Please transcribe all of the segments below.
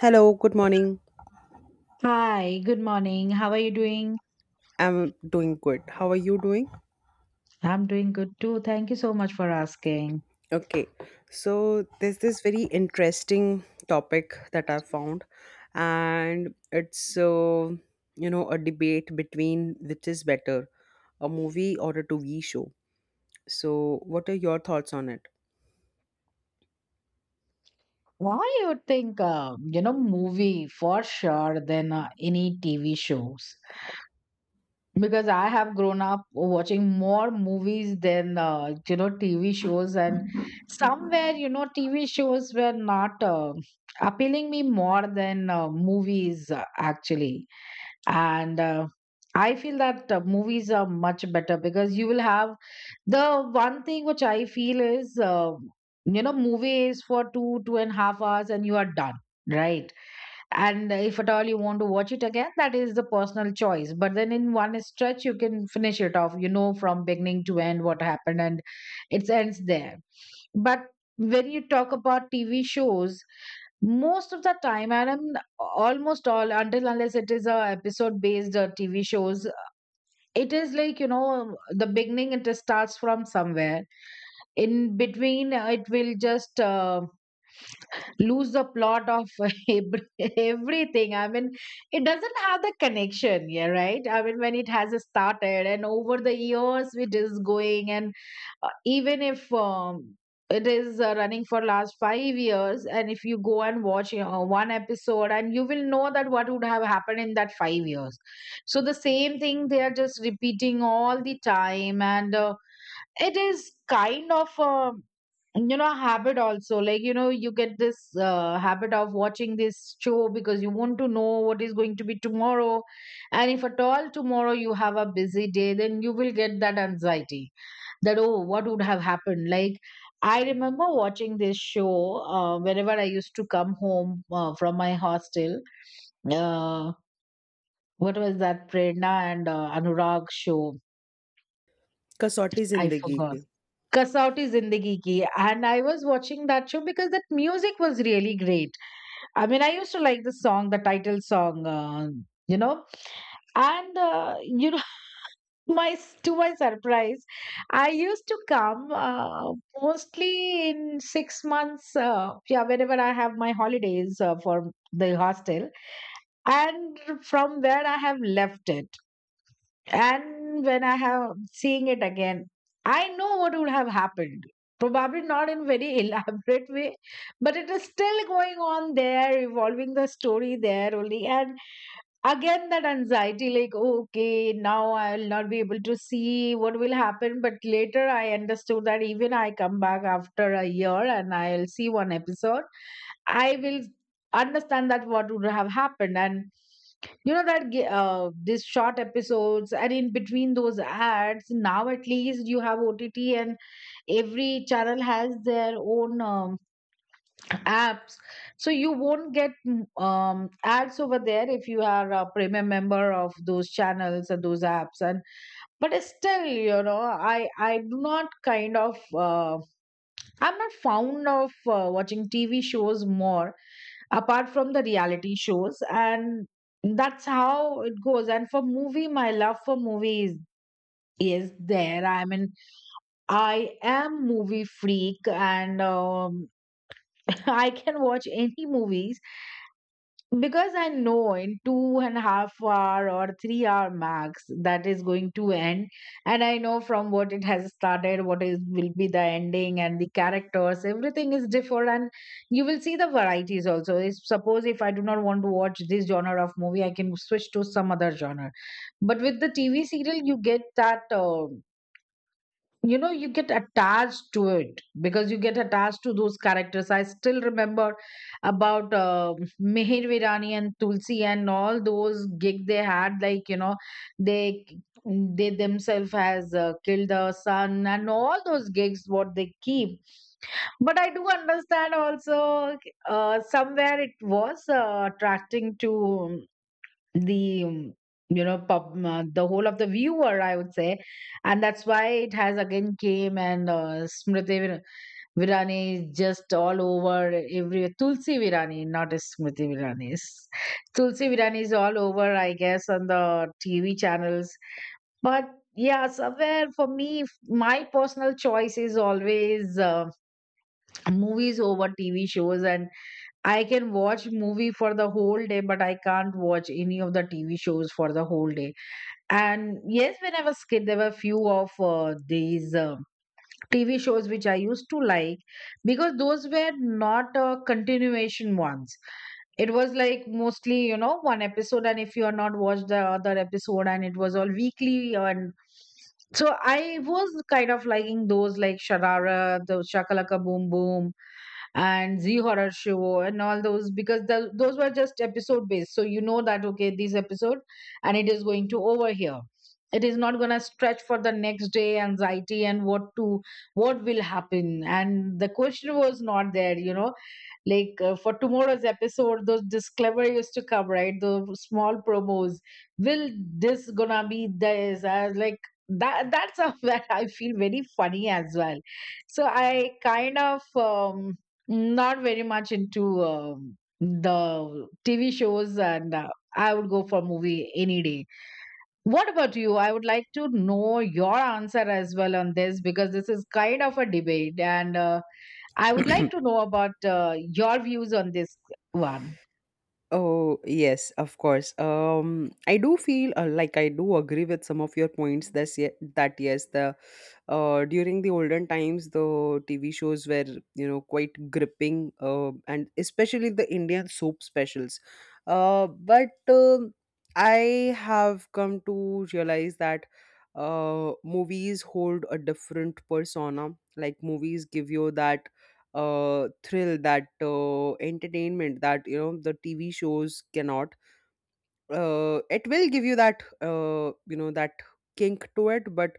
Hello, good morning. Hi, good morning. How are you doing? I'm doing good. How are you doing? I'm doing good too. Thank you so much for asking. Okay. So, there's this very interesting topic that I found, and it's a debate between which is better, a movie or a TV show. So, what are your thoughts on it? Why you think movie for sure than any TV shows? Because I have grown up watching more movies than TV shows, and somewhere TV shows were not appealing me more than movies actually, and I feel that movies are much better because you will have. The one thing which I feel is, movie is for two, 2.5 hours and you are done, right? And if at all you want to watch it again, that is the personal choice. But then in one stretch, you can finish it off, from beginning to end what happened, and it ends there. But when you talk about TV shows, most of the time, and I'm almost all until unless it is a episode based TV shows, it is like, you know, the beginning it starts from somewhere in between, it will just lose the plot of everything, I mean, it doesn't have the connection, yeah, right, I mean, when it has started and over the years it is going. And even if it is running for last 5 years, and if you go and watch, you know, one episode, and you will know that what would have happened in that 5 years. So the same thing they are just repeating all the time. And it is kind of you know, habit also, like, you know, you get this habit of watching this show because you want to know what is going to be tomorrow. And if at all tomorrow you have a busy day, then you will get that anxiety that, oh, what would have happened. Like, I remember watching this show whenever I used to come home from my hostel. Uh, what was that Prerna and Anurag show? कसौटी I जिंदगी forgot. की Kasauti Zindagi Ki. And I was watching that show because that music was really great. I mean, I used to like the song, the title song, you know. And, my to my surprise, I used to come mostly in 6 months, yeah, whenever I have my holidays for the hostel. And from where I have left it. And when I have seeing it again, I know what would have happened. Probably not in very elaborate way, but it is still going on there, evolving the story there only. And again that anxiety, like, okay, now I'll not be able to see what will happen, but later I understood that even I come back after a year and I'll see one episode, I will understand that what would have happened. And you know that these short episodes and in between those ads. Now at least you have OTT, and every channel has their own apps, so you won't get ads over there if you are a premium member of those channels and those apps. And but still, you know, I do not kind of I'm not fond of watching TV shows more, apart from the reality shows, and that's how it goes. And for movie, my love for movies is there, I mean, I am movie freak. And I can watch any movies because I know in 2.5 hour or 3 hour max that is going to end, and I know from what it has started, what is will be the ending, and the characters, everything is different, and you will see the varieties also. If, suppose, if I do not want to watch this genre of movie, I can switch to some other genre. But with the TV serial, you get that. You get attached to it because you get attached to those characters. I still remember about Meher Virani and Tulsi and all those gig they had, like, you know, they they themselves has killed the son and all those gigs what they keep. But I do understand also, somewhere it was attracting to the you know the whole of the viewer, I would say. And that's why it has again came, and Virani is just all over. Every Tulsi Virani, not as Smriti Virani is. Tulsi Virani is all over, I guess, on the TV channels. But yeah, somewhere for me, my personal choice is always movies over TV shows. And I can watch movie for the whole day, but I can't watch any of the TV shows for the whole day. And yes, when I was kid, there were few of these TV shows which I used to like because those were not continuation ones. It was like mostly, you know, one episode, and if you are not watched the other episode, and it was all weekly, and so I was kind of liking those, like Sharara, the Shakalaka Boom Boom, and Z horror show and all those, because the, those were just episode based. So you know that, okay, this episode, and it is going to over here. It is not gonna stretch for the next day anxiety, and what will happen. And the question was not there, you know, like, for tomorrow's episode those disclaimer used to come, right, the small promos will this gonna be this, I was like, that's something that I feel very funny as well. So I kind of not very much into the TV shows, and I would go for movie any day. What about you? I would like to know your answer as well on this because this is kind of a debate, and I would like to know about your views on this one. Oh, yes, of course. I do feel like I do agree with some of your points that yes, the during the olden times, the TV shows were, you know, quite gripping, and especially the Indian soap specials. But I have come to realize that movies hold a different persona. Like movies give you that thrill, that entertainment that you know the TV shows cannot. It will give you that you know that kink to it, but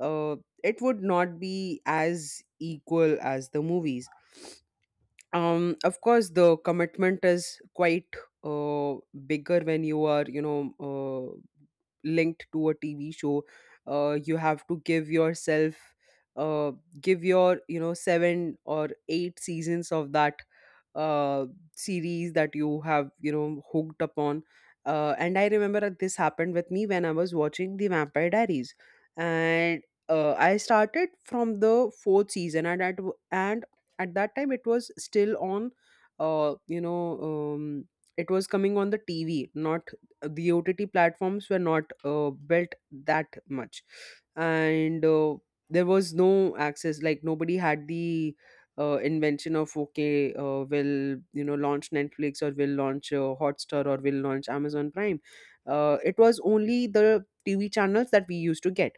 uh, it would not be as equal as the movies. Of course, the commitment is quite uh, bigger when you are, you know, linked to a tv show. You have to give yourself uh, give your you know, seven or eight seasons of that uh, series that you have, you know, hooked upon. And I remember that this happened with me when I was watching The Vampire Diaries, and I started from the fourth season , and at that time it was still on. You know, it was coming on the tv, not the ott platforms were not built that much. And there was no access, like nobody had the invention of, okay, will you know launch Netflix or will launch Hotstar or will launch Amazon Prime. It was only the tv channels that we used to get.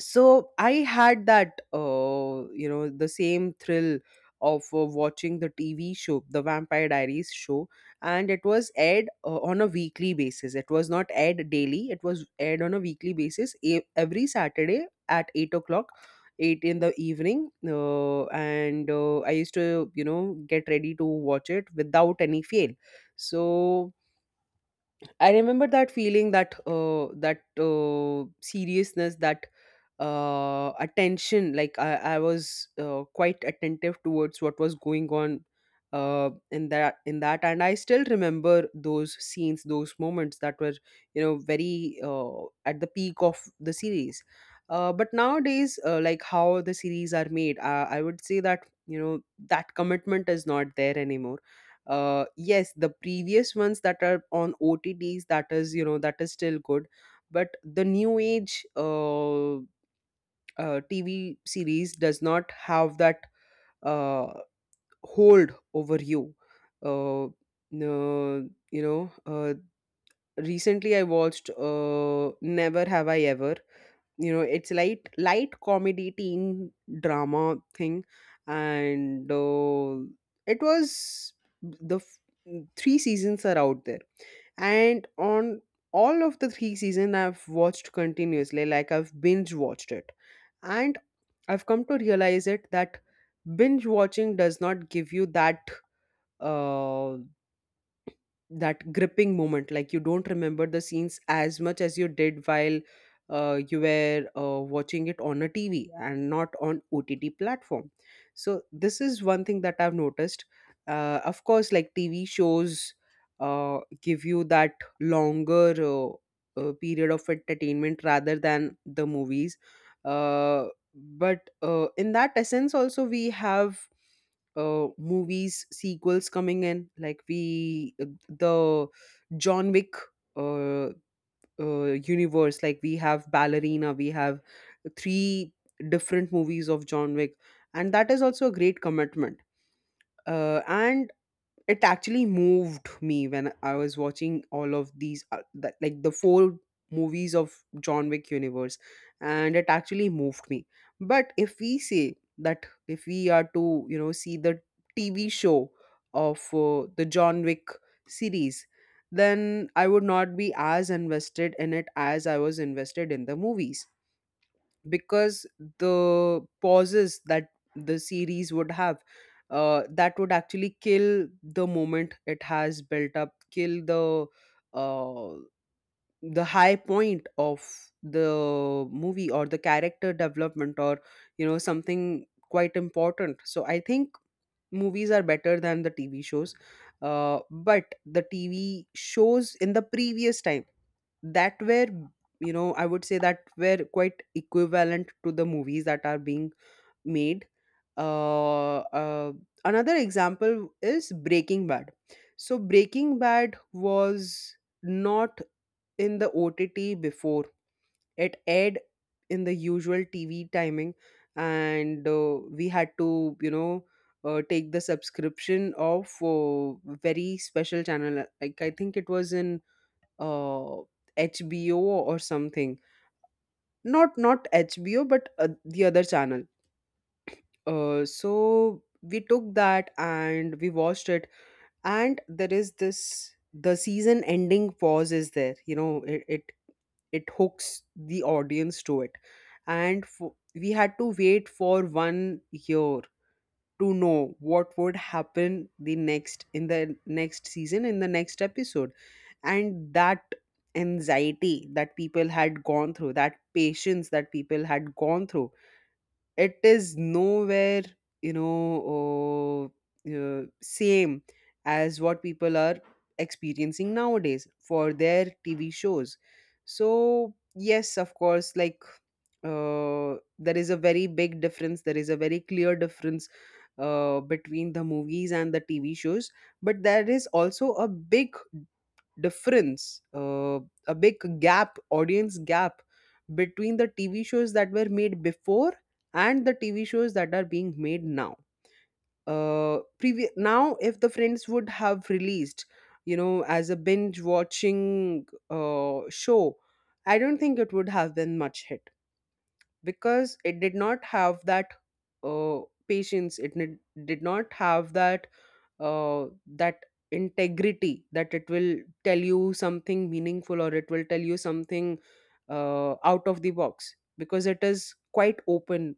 So I had that you know, the same thrill of watching the tv show, the Vampire Diaries show. And it was aired on a weekly basis. It was not aired daily. It was aired on a weekly basis, every Saturday at 8 o'clock, 8 in the evening. And I used to, you know, get ready to watch it without any fail. So I remember that feeling, that seriousness, that attention. I was quite attentive towards what was going on in that. And I still remember those scenes, those moments that were, you know, very at the peak of the series. But nowadays, like how the series are made, I would say that, you know, that commitment is not there anymore. Yes, the previous ones that are on otts, that is, you know, that is still good. But the new age TV series does not have that uh, hold over you. Uh, no, you know, Recently I watched Never Have I Ever. You know, it's light, light comedy teen drama thing. And it was the f- three seasons are out there, and on all of the three season I've watched continuously, like I've binge watched it. And I've come to realize it that binge watching does not give you that uh, that gripping moment. Like you don't remember the scenes as much as you did while you were watching it on a tv and not on ott platform. So this is one thing that I've noticed. Of course, like tv shows give you that longer period of entertainment rather than the movies. Uh, but In that essence also, we have movies sequels coming in, like we the John Wick uh, universe. Like we have Ballerina, we have three different movies of John Wick, and that is also a great commitment. And it actually moved me when I was watching all of these, that, like the four movies of John Wick universe, and it actually moved me. But if we say that if we are to, you know, see the TV show of the John Wick series, then I would not be as invested in it as I was invested in the movies, because the pauses that the series would have, that would actually kill the moment it has built up, kill uh, the high point of the movie or the character development, or, you know, something quite important. So I think movies are better than the tv shows. But the tv shows in the previous time that were, you know, I would say, that were quite equivalent to the movies that are being made. uh, uh, Another example is Breaking Bad. So Breaking Bad was not in the ott before. It aired in the usual tv timing, and we had to, you know, take the subscription of very special channel. Like I think it was in uh, HBO or something. Not HBO, but the other channel. So we took that and we watched it. And there is this, the season ending pause is there. You know, it hooks the audience to it. And we had to wait for 1 year to know what would happen the next, in the next season, in the next episode. And that anxiety that people had gone through, that patience that people had gone through, it is nowhere, you know, same as what people are experiencing nowadays for their tv shows. So yes, of course, like there is a very big difference, there is a very clear difference between the movies and the tv shows. But there is also a big difference, a big gap, audience gap between the TV shows that were made before and the TV shows that are being made now. Now, if the Friends would have released, you know, as a binge watching show, I don't think it would have been much hit, because it did not have that uh, patience. It did not have that uh, that integrity that it will tell you something meaningful, or it will tell you something out of the box. Because it is quite open,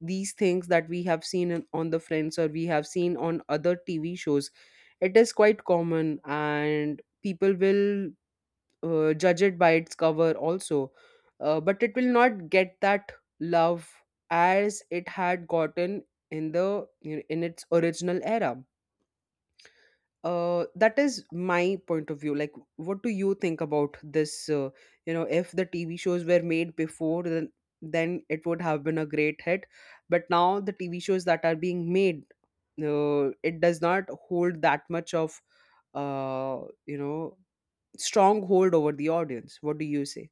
these things that we have seen in, on the Friends, or we have seen on other tv shows, it is quite common. And people will judge it by its cover also. But it will not get that love as it had gotten in the, you know, in its original era. That is my point of view. Like what do you think about this? You know, if the tv shows were made before, then it would have been a great hit. But now the tv shows that are being made, it does not hold that much of uh, you know strong hold over the audience. What do you say?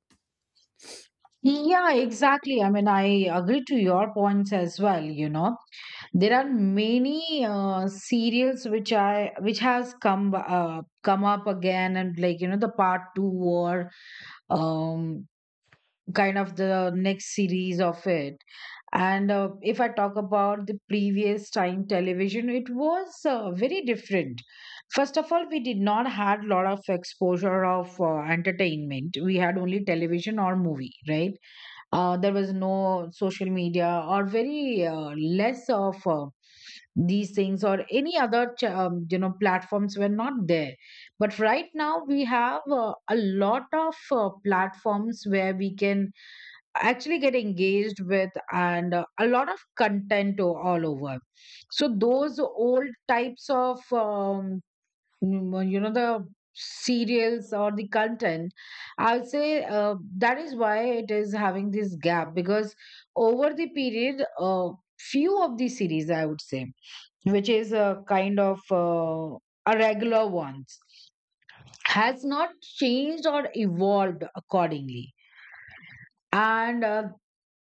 Yeah, exactly. I mean, I agree to your points as well. There are many serials which I which has come up again, and, like, you know, the part two or um, kind of the next series of it. And if I talk about the previous time television, it was very different. First of all, we did not had lot of exposure of entertainment. We had only television or movie, right? There was no social media, or very less of these things, or any other you know, platforms were not there. But right now we have a lot of platforms where we can actually get engaged with, and a lot of content all over. So those old types of well, you know, the serials or the content, I would say, that is why it is having this gap, because over the period few of the series, I would say, which is a kind of a regular ones, has not changed or evolved accordingly. And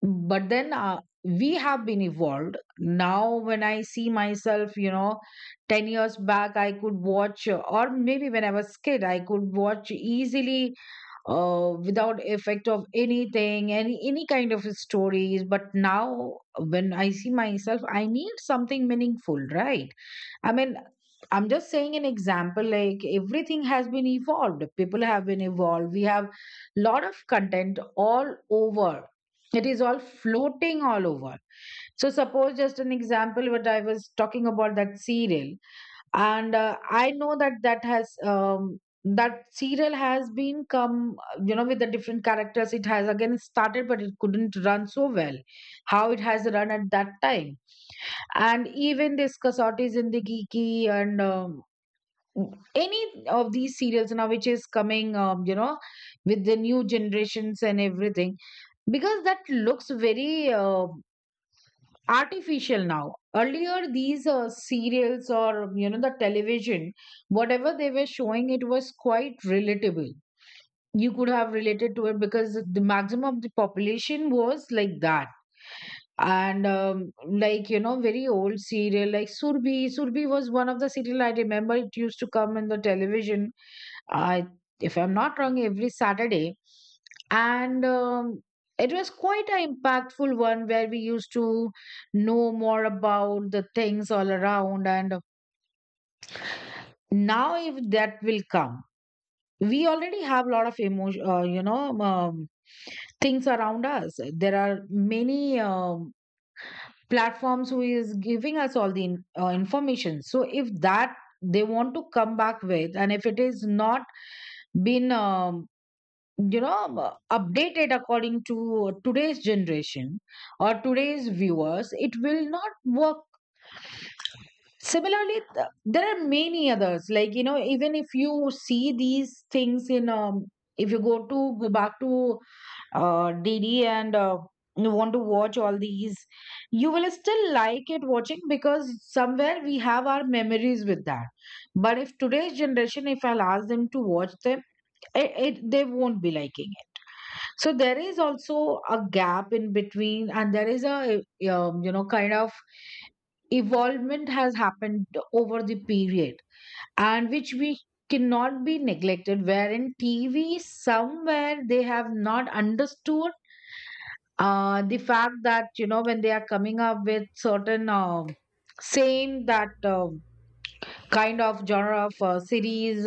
but then we have been evolved. Now when I see myself, you know, 10 years back I could watch, or maybe when I was kid I could watch easily without effect of anything, any kind of stories. But now when I see myself, I need something meaningful, right? I mean, I'm just saying an example, like, everything has been evolved. People have been evolved. We have lot of content all over. It is all floating all over. So, suppose just an example what I was talking about, that serial, and I know that that has, that serial has been come you know, with the different characters. It has again started, but it couldn't run so well. How it has run at that time, and even this Kasauti Zindagi Ki, and any of these serials now which is coming, you know, with the new generations and everything, because that looks very artificial now. Earlier these serials, or you know, the television, whatever they were showing, it was quite relatable. You could have related to it because the maximum of the population was like that. And like, you know, very old serial, like Surbhi, was one of the serial I remember. It used to come in the television, I if I'm not wrong, every Saturday. And it was quite an impactful one where we used to know more about the things all around. And now if that will come, we already have a lot of emotion, things around us. There are many platforms who is giving us all the information. So if that they want to come back with, and if it is not been updated according to today's generation or today's viewers, it will not work. Similarly, there are many others. Like, you know, even if you see these things if you go back to DD, and you want to watch all these, you will still like it watching because somewhere we have our memories with that. But if today's generation, if I'll ask them to watch them, they won't be liking. So there is also a gap in between, and there is a you know, kind of evolvement has happened over the period, and which we cannot be neglected. Wherein TV, somewhere they have not understood the fact that, you know, when they are coming up with certain same, that kind of genre of series